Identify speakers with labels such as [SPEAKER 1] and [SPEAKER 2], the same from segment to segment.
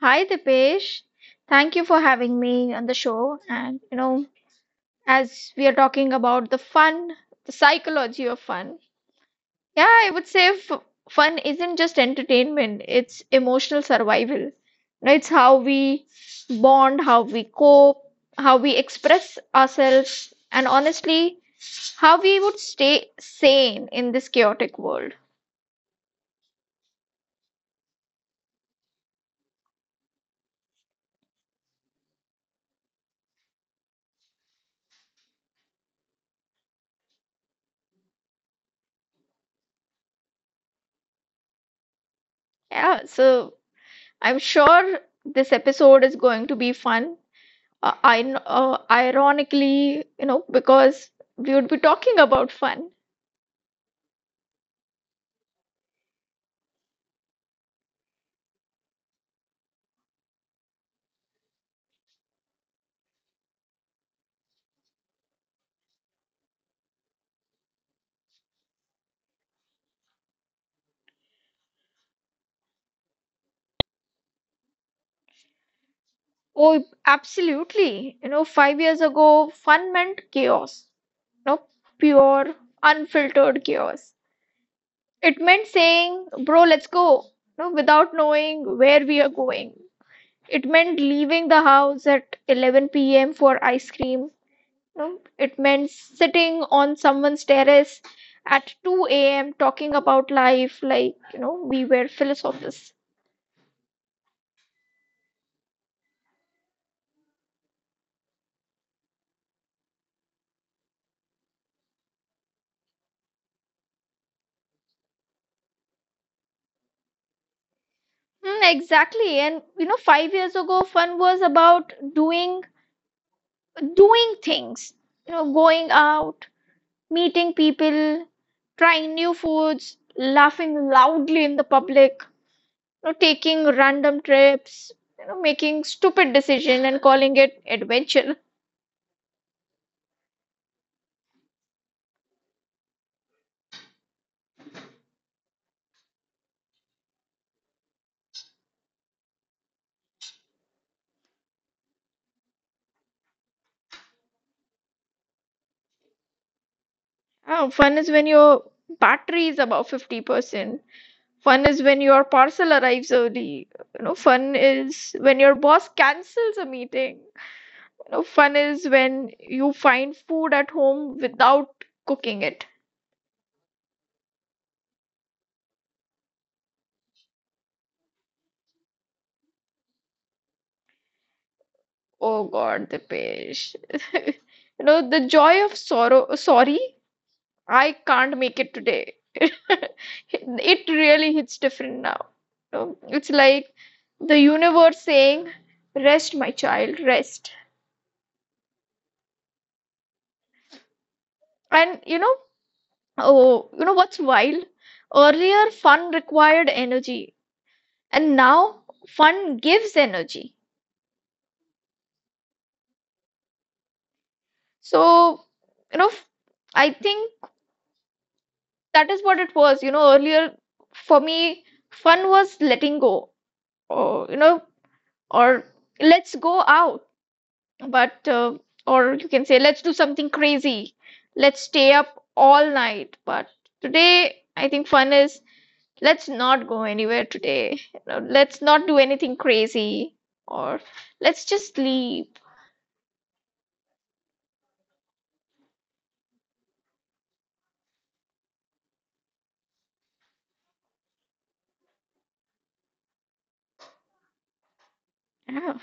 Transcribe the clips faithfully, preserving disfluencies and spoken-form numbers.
[SPEAKER 1] Hi, Dipesh. Thank you for having me on the show. And, you know, as we are talking about the fun, the psychology of fun, yeah, I would say f- fun isn't just entertainment, it's emotional survival. You know, It's how we bond, how we cope, how we express ourselves, and honestly, how we would stay sane in this chaotic world. Yeah, so I'm sure this episode is going to be fun, uh, I, kn- uh, ironically, you know, because we would be talking about fun. Oh, absolutely. You know, five years ago, fun meant chaos, you know, pure, unfiltered chaos. It meant saying, bro, let's go, you know, without knowing where we are going. It meant leaving the house at eleven p m for ice cream. No, it meant sitting on someone's terrace at two a m talking about life, like, you know, we were philosophers. Mm, exactly. And, you know, five years ago, fun was about doing doing things, you know, going out, meeting people, trying new foods, laughing loudly in the public, you know, taking random trips, you know, making stupid decision and calling it adventure. Oh, fun is when your battery is about fifty percent. Fun is when your parcel arrives early. You know, fun is when your boss cancels a meeting. You know, fun is when you find food at home without cooking it. Oh God, the page. You know, the joy of sorrow. Sorry, I can't make it today. It really hits different now. You know, it's like the universe saying, Rest, my child, rest. And you know, oh, you know what's wild? Earlier, fun required energy, and now fun gives energy. So, you know, f- I think that is what it was. You know, earlier for me, fun was letting go, or you know, or let's go out, but uh, or you can say let's do something crazy, let's stay up all night. But today, I think fun is let's not go anywhere today. You know, let's not do anything crazy or let's just sleep. Yeah.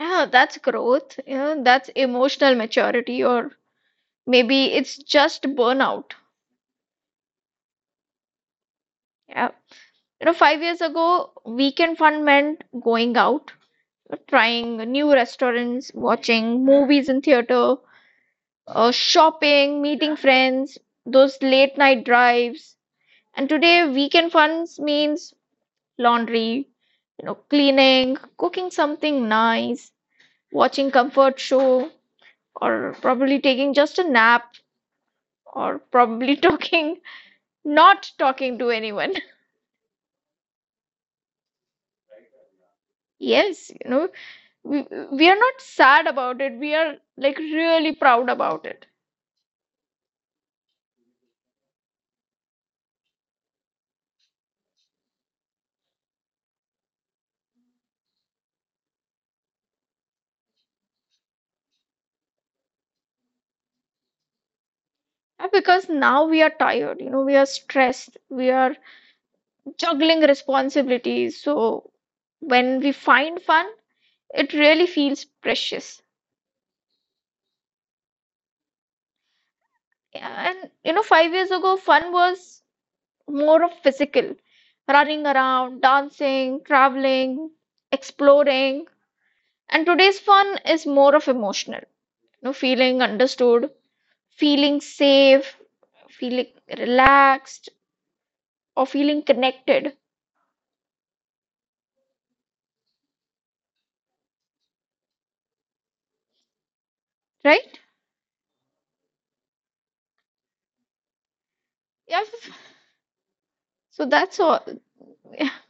[SPEAKER 1] Yeah, that's growth. You know, that's emotional maturity or maybe it's just burnout. Yeah. You know, five years ago, weekend fun meant going out, trying new restaurants, watching movies in theater, uh, shopping, meeting friends, those late night drives. And today, weekend funs means laundry, you know, cleaning, cooking something nice, watching comfort show, or probably taking just a nap, or probably talking, not talking to anyone. Yes, you know, we, we are not sad about it. We are like really proud about it. And Because now we are tired, you know, we are stressed, we are juggling responsibilities. So when we find fun, it really feels precious. Yeah, And you know, five years ago, fun was more of physical, running around, dancing, traveling, exploring. And today's fun is more of emotional, you know, feeling understood, feeling safe, feeling relaxed, or feeling connected, right? Yeah. So that's all.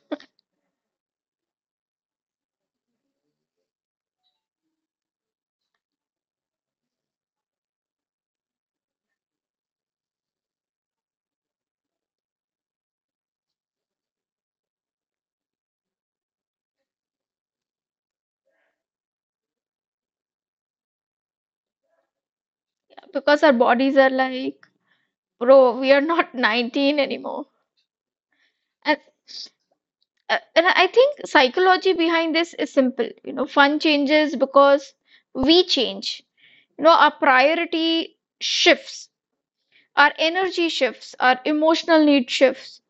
[SPEAKER 1] Because our bodies are like, bro, we are not nineteen anymore. And Uh, and I think psychology behind this is simple. You know, fun changes because we change. You know, our priority shifts, our energy shifts, our emotional need shifts,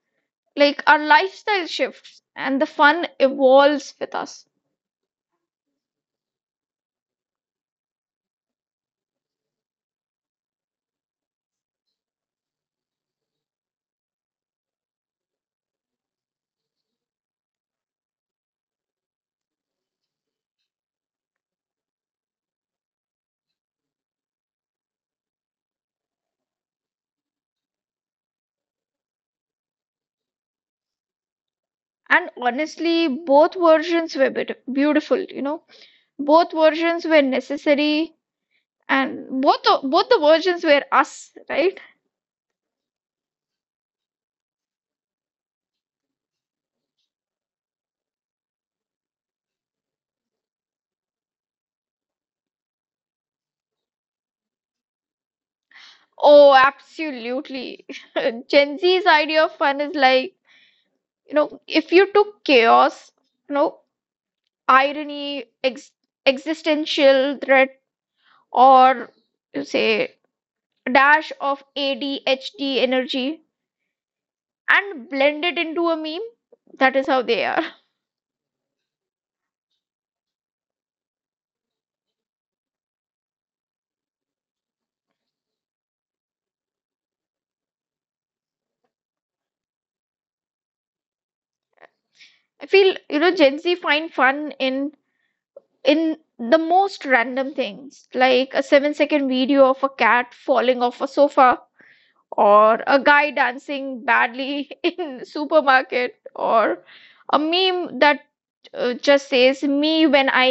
[SPEAKER 1] like our lifestyle shifts, and the fun evolves with us. And honestly, both versions were bit- beautiful. You know, both versions were necessary, and both the, both the versions were us, right? Oh, absolutely. Gen Z's idea of fun is like, you know if you took chaos, you know irony, ex- existential threat, or you say a dash of A D H D energy and blend it into a meme. That is how they are. I feel, you know Gen Z find fun in in the most random things, like a seven second video of a cat falling off a sofa, or a guy dancing badly in supermarket, or a meme that uh, just says, me when I,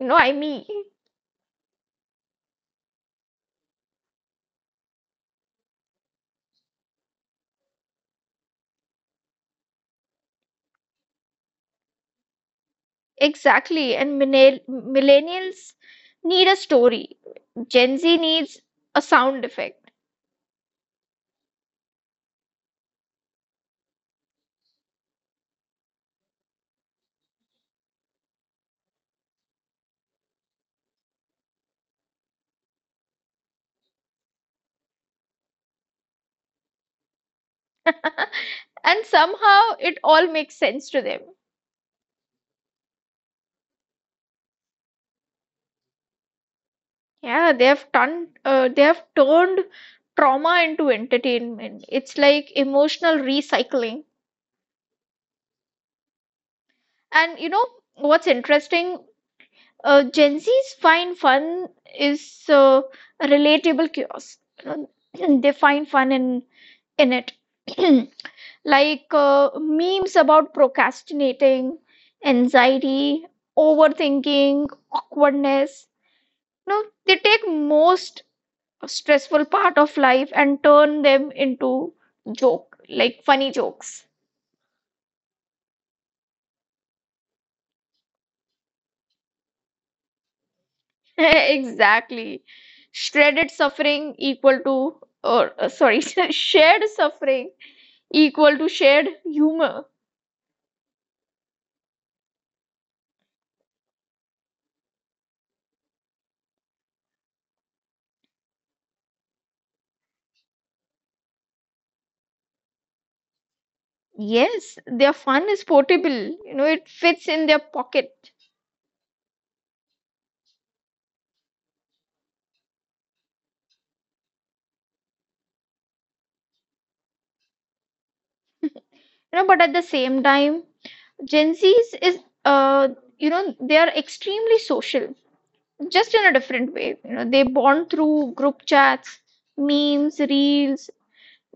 [SPEAKER 1] you know, I me. Exactly. And millenn- millennials need a story. Gen Z needs a sound effect. And somehow it all makes sense to them. Yeah, they have turned, uh, they have turned trauma into entertainment. It's like emotional recycling. And you know what's interesting? Uh, Gen Z's find fun is uh, relatable chaos. You know, They find fun in in it, like uh, memes about procrastinating anxiety overthinking awkwardness. You know they take most stressful part of life and turn them into joke, like funny jokes. Exactly. Shredded suffering equal to, or uh, sorry, shared suffering equal to shared humor. Yes, their fun is portable, you know it fits in their pocket. You know but at the same time, Gen Z's is uh you know they are extremely social, just in a different way. You know they bond through group chats, memes, reels,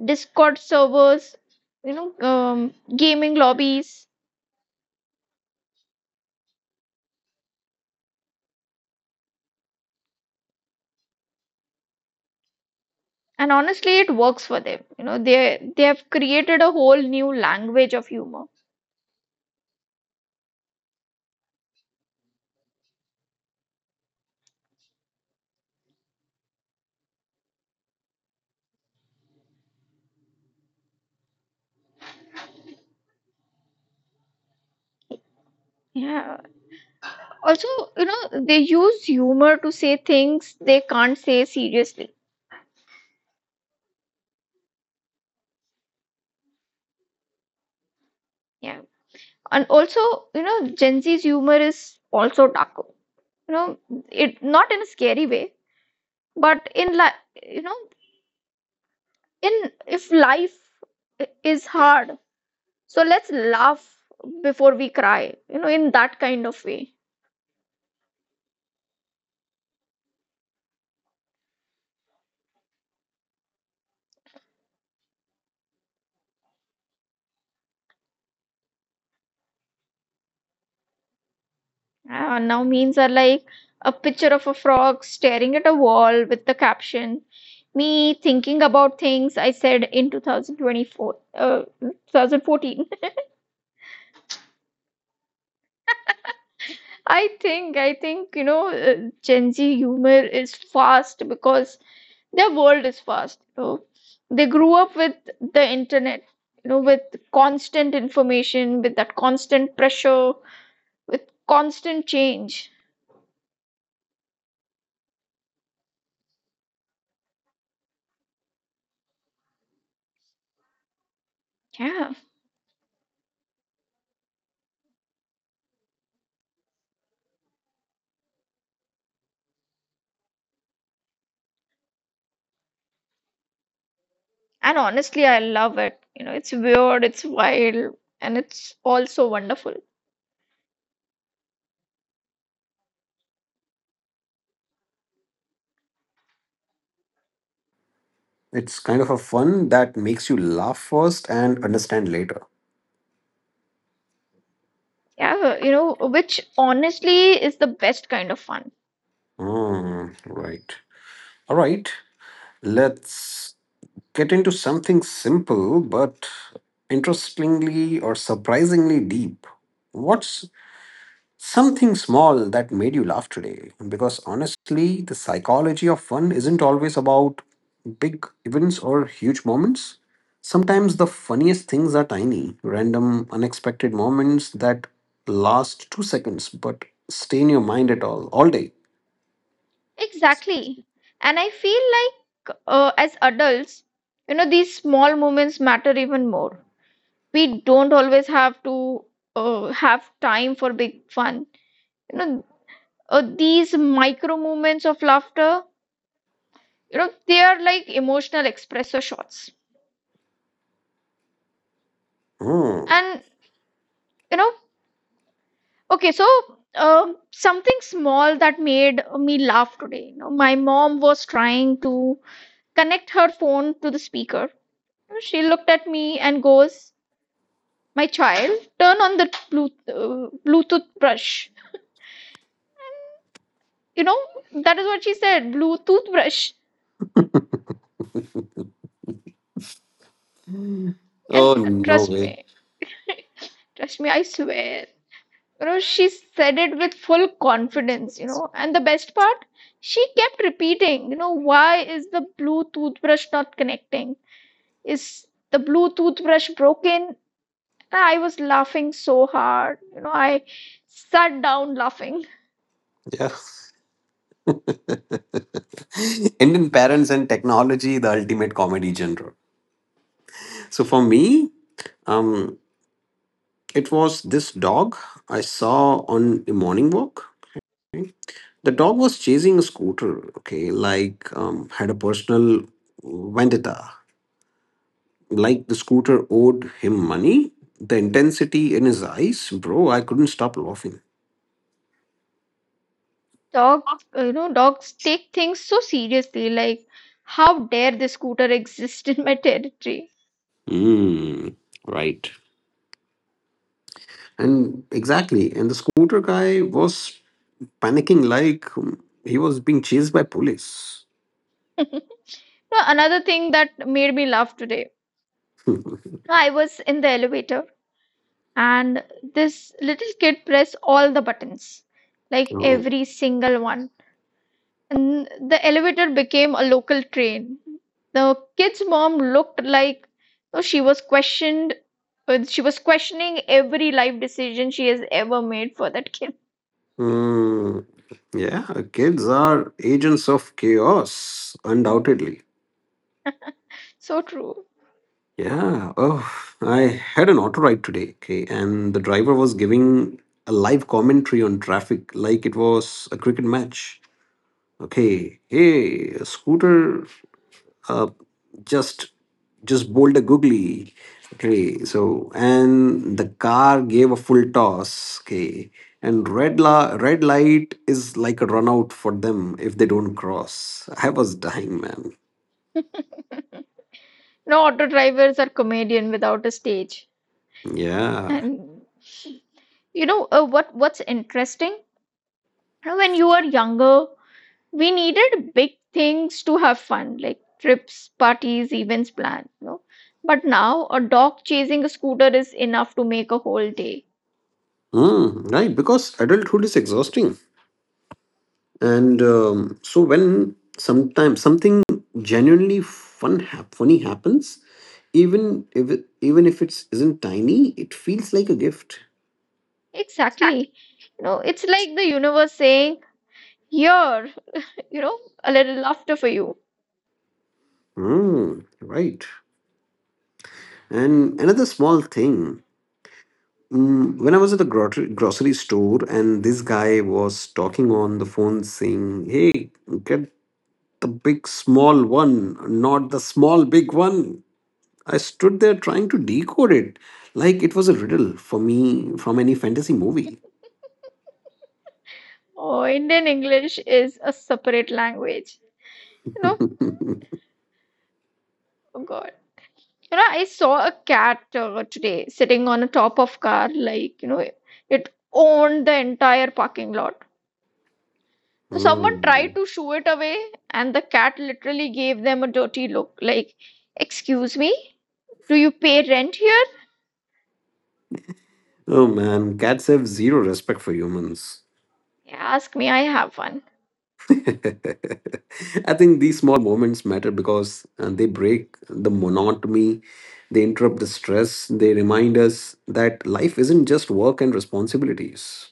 [SPEAKER 1] discord servers, you know um, gaming lobbies, and honestly, it works for them. you know they they have created a whole new language of humor. Yeah, also, you know they use humor to say things they can't say seriously. Yeah, and also, you know Gen Z's humor is also darker. you know it not in a scary way, but in, like, you know in, if life i- is hard, so let's laugh before we cry, you know in that kind of way. Uh, now memes are like a picture of a frog staring at a wall with the caption, me thinking about things I said in two thousand twenty-four, uh, two thousand fourteen. I think, I think, you know, uh, Gen Z humor is fast because their world is fast. You know? They grew up with the internet, you know, with constant information, with that constant pressure, with constant change. Yeah. And honestly, I love it. You know, it's weird, it's wild, and it's also wonderful.
[SPEAKER 2] It's kind of a fun that makes you laugh first and understand later.
[SPEAKER 1] Yeah. You know, which honestly is the best kind of fun.
[SPEAKER 2] Mm, right. All right, let's get into something simple but interestingly or surprisingly deep. What's something small that made you laugh today? Because honestly, the psychology of fun isn't always about big events or huge moments. Sometimes the funniest things are tiny, random, unexpected moments that last two seconds but stay in your mind at all, all day.
[SPEAKER 1] Exactly. And I feel like, uh, as adults, you know, these small moments matter even more. We don't always have to uh, have time for big fun. You know, uh, these micro moments of laughter, you know, they are like emotional espresso shots.
[SPEAKER 2] Hmm.
[SPEAKER 1] And, you know, okay, so um something small that made me laugh today. You know, my mom was trying to connect her phone to the speaker. She looked at me and goes, My child, turn on the Bluetooth, uh, Bluetooth brush. You know, that is what she said, Bluetooth brush.
[SPEAKER 2] Oh,
[SPEAKER 1] And
[SPEAKER 2] no
[SPEAKER 1] trust
[SPEAKER 2] way.
[SPEAKER 1] me, trust me, I swear. You know, she said it with full confidence, you know. And the best part, she kept repeating, you know, why is the Bluetooth brush not connecting? Is the Bluetooth brush broken? And I was laughing so hard, you know, I sat down laughing.
[SPEAKER 2] Yeah. Indian parents and technology, the ultimate comedy genre. So for me, um. it was this dog I saw on a morning walk. Okay. The dog was chasing a scooter, okay, like um, had a personal vendetta. Like the scooter owed him money. The intensity in his eyes, bro, I couldn't stop laughing.
[SPEAKER 1] Dogs you know dogs take things so seriously, like, how dare this scooter exist in my territory.
[SPEAKER 2] Mm, right. And exactly, and the scooter guy was panicking like um, he was being chased by police.
[SPEAKER 1] Now, another thing that made me laugh today. I was in the elevator, and this little kid pressed all the buttons, like
[SPEAKER 2] Oh,
[SPEAKER 1] every single one, and the elevator became a local train. The kid's mom looked like, oh, she was questioned uh, she was questioning every life decision she has ever made for that kid.
[SPEAKER 2] mm, yeah, kids are agents of chaos, undoubtedly.
[SPEAKER 1] So true.
[SPEAKER 2] Yeah. Oh, I had an auto ride today, okay, and the driver was giving a live commentary on traffic like it was a cricket match. Okay, hey, a scooter uh, just just bowled a googly. Okay, so and the car gave a full toss. Okay, and red la- red light is like a run out for them if they don't cross. I was dying, man.
[SPEAKER 1] No, auto drivers are comedian without a stage.
[SPEAKER 2] Yeah.
[SPEAKER 1] And you know uh, what what's interesting? When you were younger, we needed big things to have fun, like trips, parties, events planned, you know. But now, a dog chasing a scooter is enough to make a whole day.
[SPEAKER 2] Mm, right, because adulthood is exhausting. And um, so when sometimes something genuinely fun hap- funny happens, even if it, even if it isn't tiny, it feels like a gift.
[SPEAKER 1] Exactly. You know, it's like the universe saying, Here, you know, a little laughter for you.
[SPEAKER 2] Mm, right. And another small thing. Mm, when I was at the grocery grocery store, and this guy was talking on the phone, saying, "Hey, get the big small one, not the small big one." I stood there trying to decode it, like it was a riddle for me from any fantasy movie.
[SPEAKER 1] Oh, Indian English is a separate language. You know, oh God. You know, I saw a cat uh, today sitting on a top of car, like, you know, it owned the entire parking lot. Someone tried
[SPEAKER 2] Mm.
[SPEAKER 1] to shoo it away, and the cat literally gave them a dirty look, like, Excuse me, do you pay rent here?
[SPEAKER 2] Oh man, cats have zero respect for humans.
[SPEAKER 1] Yeah, ask me, I have one.
[SPEAKER 2] I think these small moments matter because uh, they break the monotony, they interrupt the stress, they remind us that life isn't just work and responsibilities.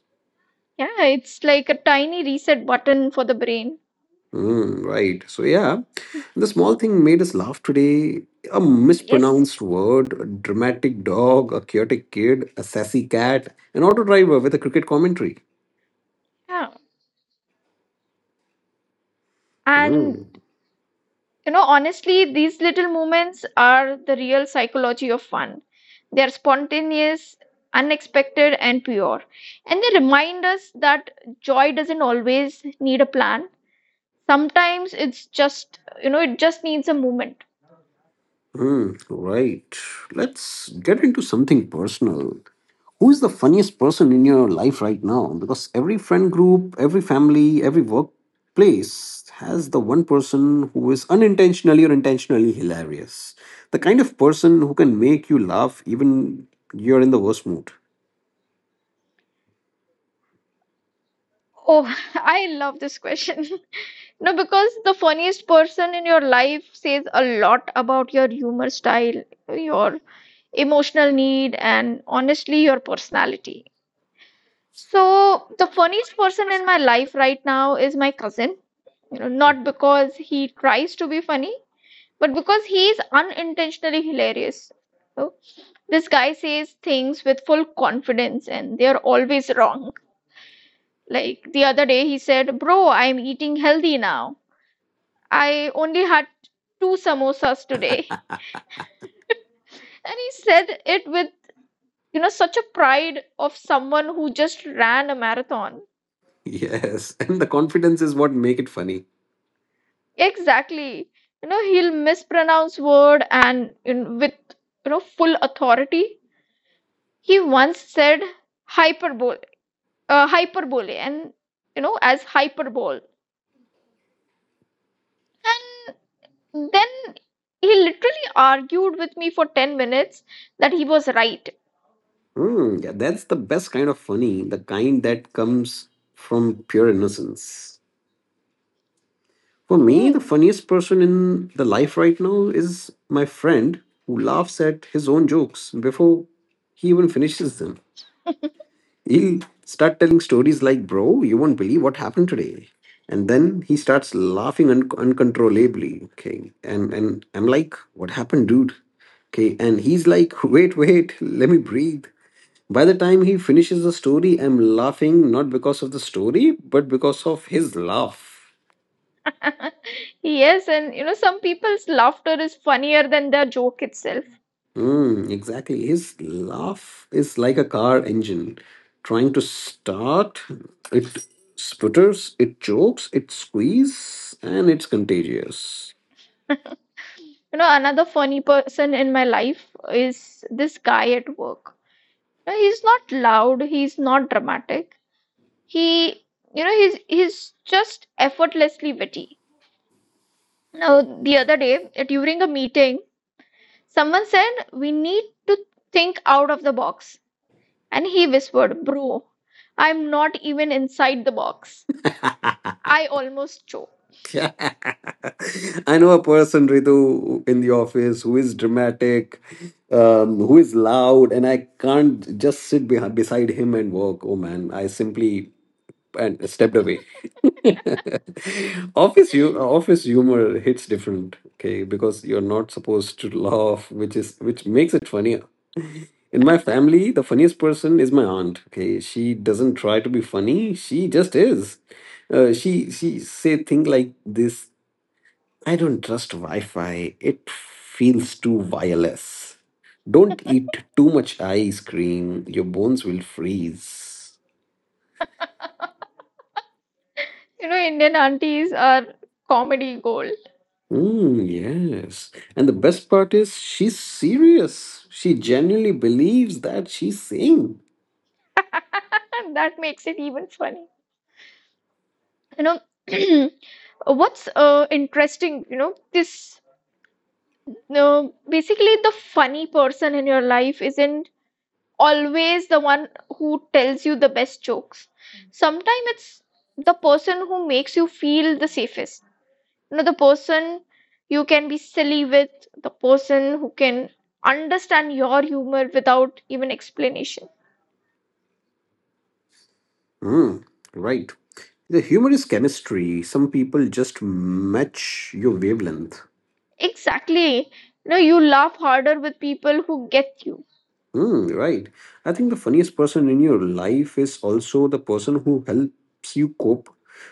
[SPEAKER 1] Yeah, it's like a tiny reset button for the brain.
[SPEAKER 2] Mm, right. So, yeah, the small thing made us laugh today: a
[SPEAKER 1] Yes.
[SPEAKER 2] mispronounced word, a dramatic dog, a chaotic kid, a sassy cat, an auto driver with a cricket commentary.
[SPEAKER 1] Yeah. And
[SPEAKER 2] Mm,
[SPEAKER 1] You know, honestly, these little moments are the real psychology of fun. They are spontaneous, unexpected, and pure. And they remind us that joy doesn't always need a plan. Sometimes it's just, you know, it just needs a moment.
[SPEAKER 2] mm, right. Let's get into something personal. Who is the funniest person in your life right now? Because every friend group, every family, every workplace has the one person who is unintentionally or intentionally hilarious, the kind of person who can make you laugh even you're in the worst mood.
[SPEAKER 1] Oh, I love this question. No, because the funniest person in your life says a lot about your humor style, your emotional need, and honestly, your personality. So the funniest person in my life right now is my cousin. You know, not because he tries to be funny, but because he is unintentionally hilarious. So this guy says things with full confidence and they are always wrong. Like the other day he said, Bro, I'm eating healthy now. I only had two samosas today. And he said it with, you know, such a pride of someone who just ran a marathon.
[SPEAKER 2] Yes. And the confidence is what make it funny.
[SPEAKER 1] Exactly. You know, he'll mispronounce word and in, with you know full authority. He once said hyperbole, uh, hyperbole, and you know as hyperbole. And then he literally argued with me for ten minutes that he was right.
[SPEAKER 2] Hmm, yeah, that's the best kind of funny, the kind that comes from pure innocence. For me, the
[SPEAKER 1] Hmm.
[SPEAKER 2] funniest person in the life right now is my friend who laughs at his own jokes before he even finishes them. He'll start telling stories like, "Bro, you won't believe what happened today." And then he starts laughing un- uncontrollably. Okay. And, and I'm like, "What happened, dude?" Okay. And he's like, "Wait, wait, let me breathe." By the time he finishes the story, I'm laughing not because of the story, but because of his laugh.
[SPEAKER 1] Yes, and you know some people's laughter is funnier than their joke itself.
[SPEAKER 2] Mm, exactly. His laugh is like a car engine trying to start. It sputters, it chokes, it squeezes, and it's contagious.
[SPEAKER 1] You know, another funny person in my life is this guy at work. No, he's not loud, he's not dramatic. He, you know, he's he's just effortlessly witty. Now, the other day uh, during a meeting, someone said we need to think out of the box, and he whispered, "Bro, I'm not even inside the box." I almost choked.
[SPEAKER 2] I know a person, Ritu, in the office who is dramatic, um, who is loud, and I can't just sit behind, beside him and work. Oh man, I simply and stepped away. office you office humor hits different, okay, because you're not supposed to laugh, which is which makes it funnier. In my family, the funniest person is my aunt. Okay, she doesn't try to be funny; she just is. Uh, she she say things like this: "I don't trust Wi-Fi. It feels too wireless. Don't eat too much ice cream. Your bones will freeze."
[SPEAKER 1] You know, Indian aunties are comedy gold.
[SPEAKER 2] Mm, yes. And the best part is she's serious. She genuinely believes that she's saying.
[SPEAKER 1] That makes it even funny. You know, what's uh, interesting, you know, this. No, basically, the funny person in your life isn't always the one who tells you the best jokes. Sometimes it's the person who makes you feel the safest. You know, the person you can be silly with, the person who can understand your humor without even explanation.
[SPEAKER 2] Mm, right. The humor is chemistry. Some people just match your wavelength.
[SPEAKER 1] Exactly. You know, you laugh harder with people who get you.
[SPEAKER 2] Mm, right. I think the funniest person in your life is also the person who helps you cope,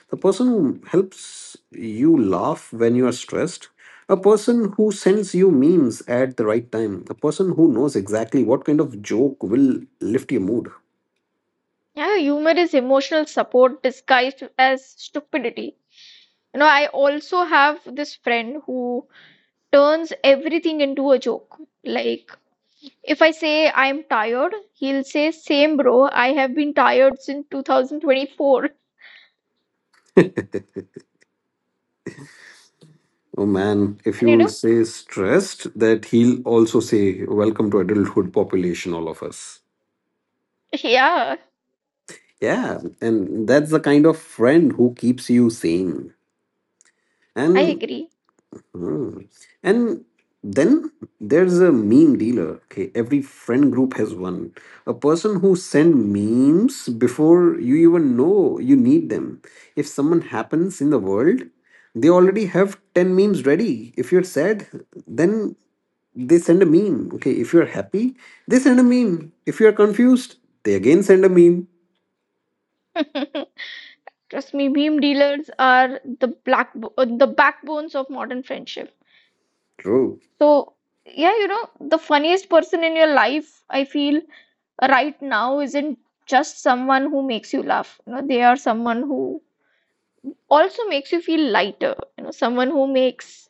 [SPEAKER 2] the person who helps you laugh when you are stressed, a person who sends you memes at the right time, a person who knows exactly what kind of joke will lift your mood.
[SPEAKER 1] Yeah, humor is emotional support disguised as stupidity. You know, I also have this friend who turns everything into a joke. Like, if I say I'm tired, he'll say, "Same, bro, I have been tired since two thousand twenty-four"
[SPEAKER 2] Oh man, if
[SPEAKER 1] And
[SPEAKER 2] you
[SPEAKER 1] you
[SPEAKER 2] will
[SPEAKER 1] know,
[SPEAKER 2] say stressed, that he'll also say, "Welcome to adulthood population, all of us."
[SPEAKER 1] yeah,
[SPEAKER 2] Yeah, and that's the kind of friend who keeps you sane.
[SPEAKER 1] I
[SPEAKER 2] And
[SPEAKER 1] agree.
[SPEAKER 2] mm. And then there's a meme dealer. Okay, every friend group has one. A person who send memes before you even know you need them. If someone happens in the world, they already have ten memes ready. If you're sad, then they send a meme. Okay, if you're happy, they send a meme. If you're confused, they again send a meme.
[SPEAKER 1] Trust me, meme dealers are the black uh, the backbones of modern friendship.
[SPEAKER 2] True.
[SPEAKER 1] So, yeah, you know, the funniest person in your life, I feel right now isn't just someone who makes you laugh. You know, they are someone who also makes you feel lighter. You know, someone who makes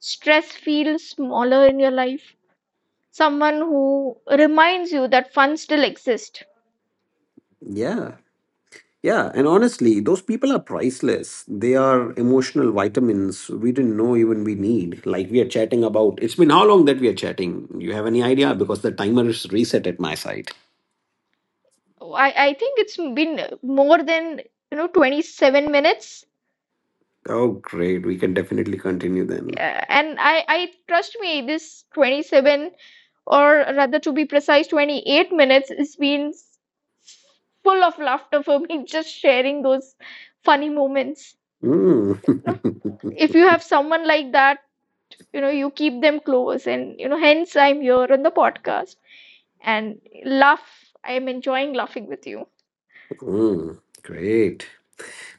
[SPEAKER 1] stress feels smaller in your life, someone who reminds you that fun still exists.
[SPEAKER 2] Yeah. Yeah, and honestly, those people are priceless. They are emotional vitamins we didn't know even we need. Like we are chatting about. It's been how long that we are chatting? You have any idea? Because the timer is reset at my side.
[SPEAKER 1] I i think it's been more than you know twenty-seven minutes
[SPEAKER 2] Oh, great. We can definitely continue then.
[SPEAKER 1] uh, and i i trust me, this twenty-seven, or rather to be precise twenty-eight minutes, has been full of laughter for me. Just sharing those funny moments. You know,
[SPEAKER 2] Mm.
[SPEAKER 1] if you have someone like that, you know, you keep them close, and you know, hence I'm here on the podcast and laugh. I am enjoying laughing with you.
[SPEAKER 2] Mm. Great.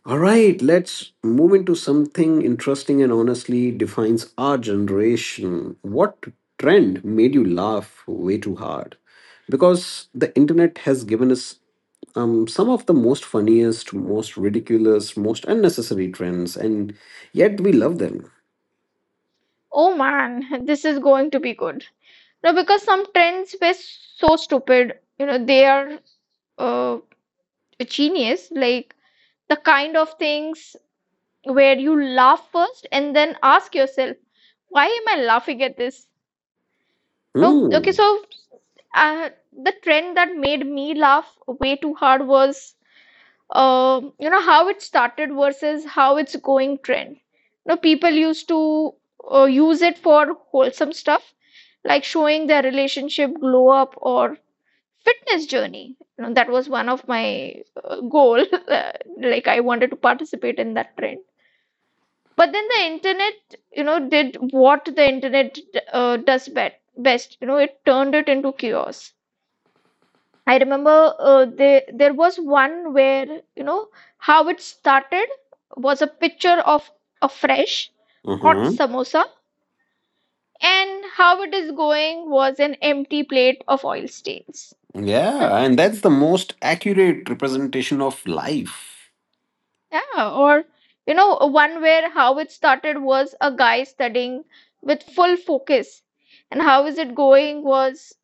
[SPEAKER 2] All right, let's move into something interesting and honestly defines our generation. What trend made you laugh way too hard? Because the internet has given us um, some of the most funniest, most ridiculous, most unnecessary trends, and yet we love them.
[SPEAKER 1] Oh man, this is going to be good. No, because some trends were so stupid. You know, they are uh, genius. Like the kind of things where you laugh first and then ask yourself, why am I laughing at this? Oh, okay,
[SPEAKER 2] Hmm.
[SPEAKER 1] so uh, the trend that made me laugh way too hard was um, you know, how it started versus how it's going trend. You know, people used to uh, use it for wholesome stuff like showing their relationship glow up or fitness journey. You know, that was one of my uh, goal. uh, like I wanted to participate in that trend. But then the internet, you know, did what the internet uh, does bet best. You know, it turned it into chaos. I remember uh, they, there was one where, you know, how it started was a picture of a fresh hot
[SPEAKER 2] Uh-huh.
[SPEAKER 1] samosa, and how it is going was an empty plate of oil stains.
[SPEAKER 2] Yeah, and that's the most accurate representation of life.
[SPEAKER 1] Yeah, or, you know, one where how it started was a guy studying with full focus, and how is it going was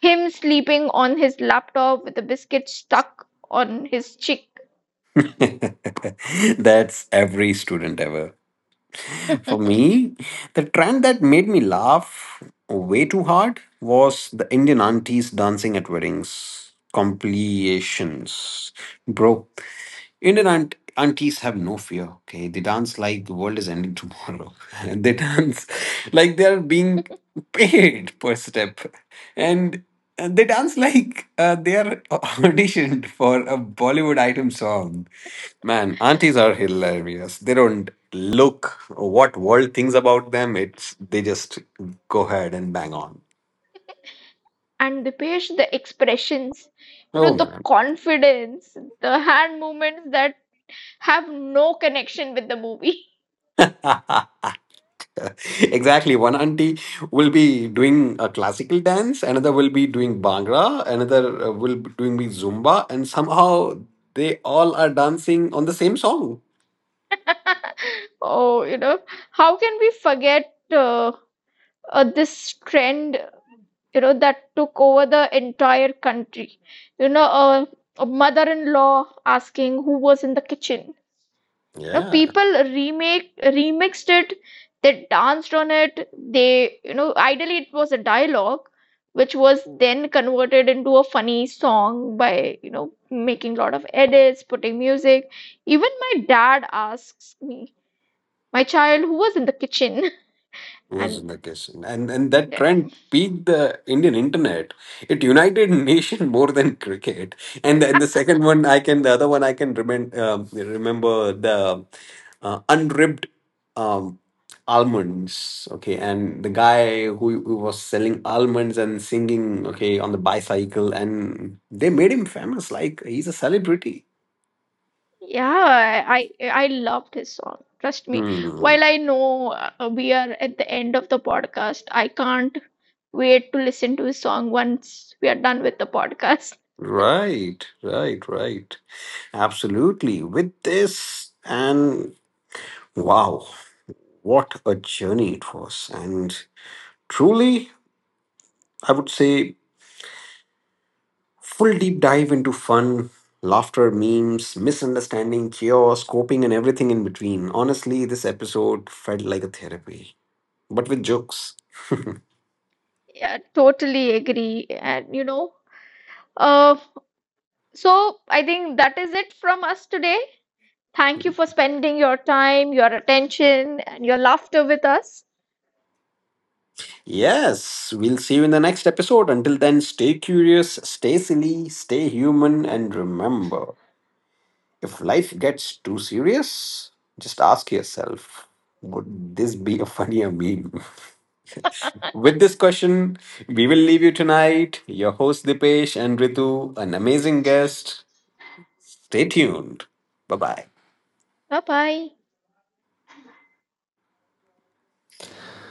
[SPEAKER 1] him sleeping on his laptop with a biscuit stuck on his cheek.
[SPEAKER 2] That's every student ever. For me, the trend that made me laugh way too hard was the Indian aunties dancing at weddings. Compilations, bro. Indian aunt- aunties have no fear. Okay, they dance like the world is ending tomorrow. And they dance like they are being paid per step, and uh, they dance like uh, they are auditioned for a Bollywood item song. Man, aunties are hilarious. They don't look what world thinks about them. It's they just go ahead and bang on.
[SPEAKER 1] And Dipesh, the expressions, you
[SPEAKER 2] Oh
[SPEAKER 1] know, the
[SPEAKER 2] man.
[SPEAKER 1] confidence, the hand movements that have no connection with the movie.
[SPEAKER 2] Exactly. One auntie will be doing a classical dance, another will be doing Bhangra, another uh, will be doing the Zumba, and somehow they all are dancing on the same song.
[SPEAKER 1] Oh, you know, how can we forget uh, uh, this trend, you know, that took over the entire country? You know, uh, a mother-in-law asking who was in the kitchen. You know,
[SPEAKER 2] Yeah.
[SPEAKER 1] people remake remixed it, they danced on it, they, you know, ideally it was a dialogue which was then converted into a funny song by, you know, making a lot of edits, putting music. Even my dad asks me, "My child, who was in the kitchen?"
[SPEAKER 2] Was
[SPEAKER 1] And
[SPEAKER 2] vacation, and and that
[SPEAKER 1] yeah,
[SPEAKER 2] trend peaked the Indian internet. It united nation more than cricket. And then the second one I can, the other one I can remember, um, remember the uh, unripped um almonds, okay, and the guy who, who was selling almonds and singing, okay, on the bicycle, and they made him famous like he's a celebrity.
[SPEAKER 1] yeah, I I I love this song. Trust me.
[SPEAKER 2] Hmm.
[SPEAKER 1] While I know uh, we are at the end of the podcast, I can't wait to listen to his song once we are done with the podcast.
[SPEAKER 2] Right, right, right. Absolutely. With this, and wow, what a journey it was. And truly, I would say, full deep dive into fun, laughter, memes, misunderstanding, chaos, coping, and everything in between. Honestly, this episode felt like a therapy, but with jokes.
[SPEAKER 1] Yeah, totally agree. And you know, uh, so I think that is it from us today. Thank you for spending your time, your attention, and your laughter with us.
[SPEAKER 2] Yes, we'll see you in the next episode. Until then, stay curious, stay silly, stay human, and remember, if life gets too serious, just ask yourself, would this be a funnier meme? With this question, we will leave you tonight. Your host Dipesh and Ritu, an amazing guest. Stay tuned. Bye bye.
[SPEAKER 1] Bye bye.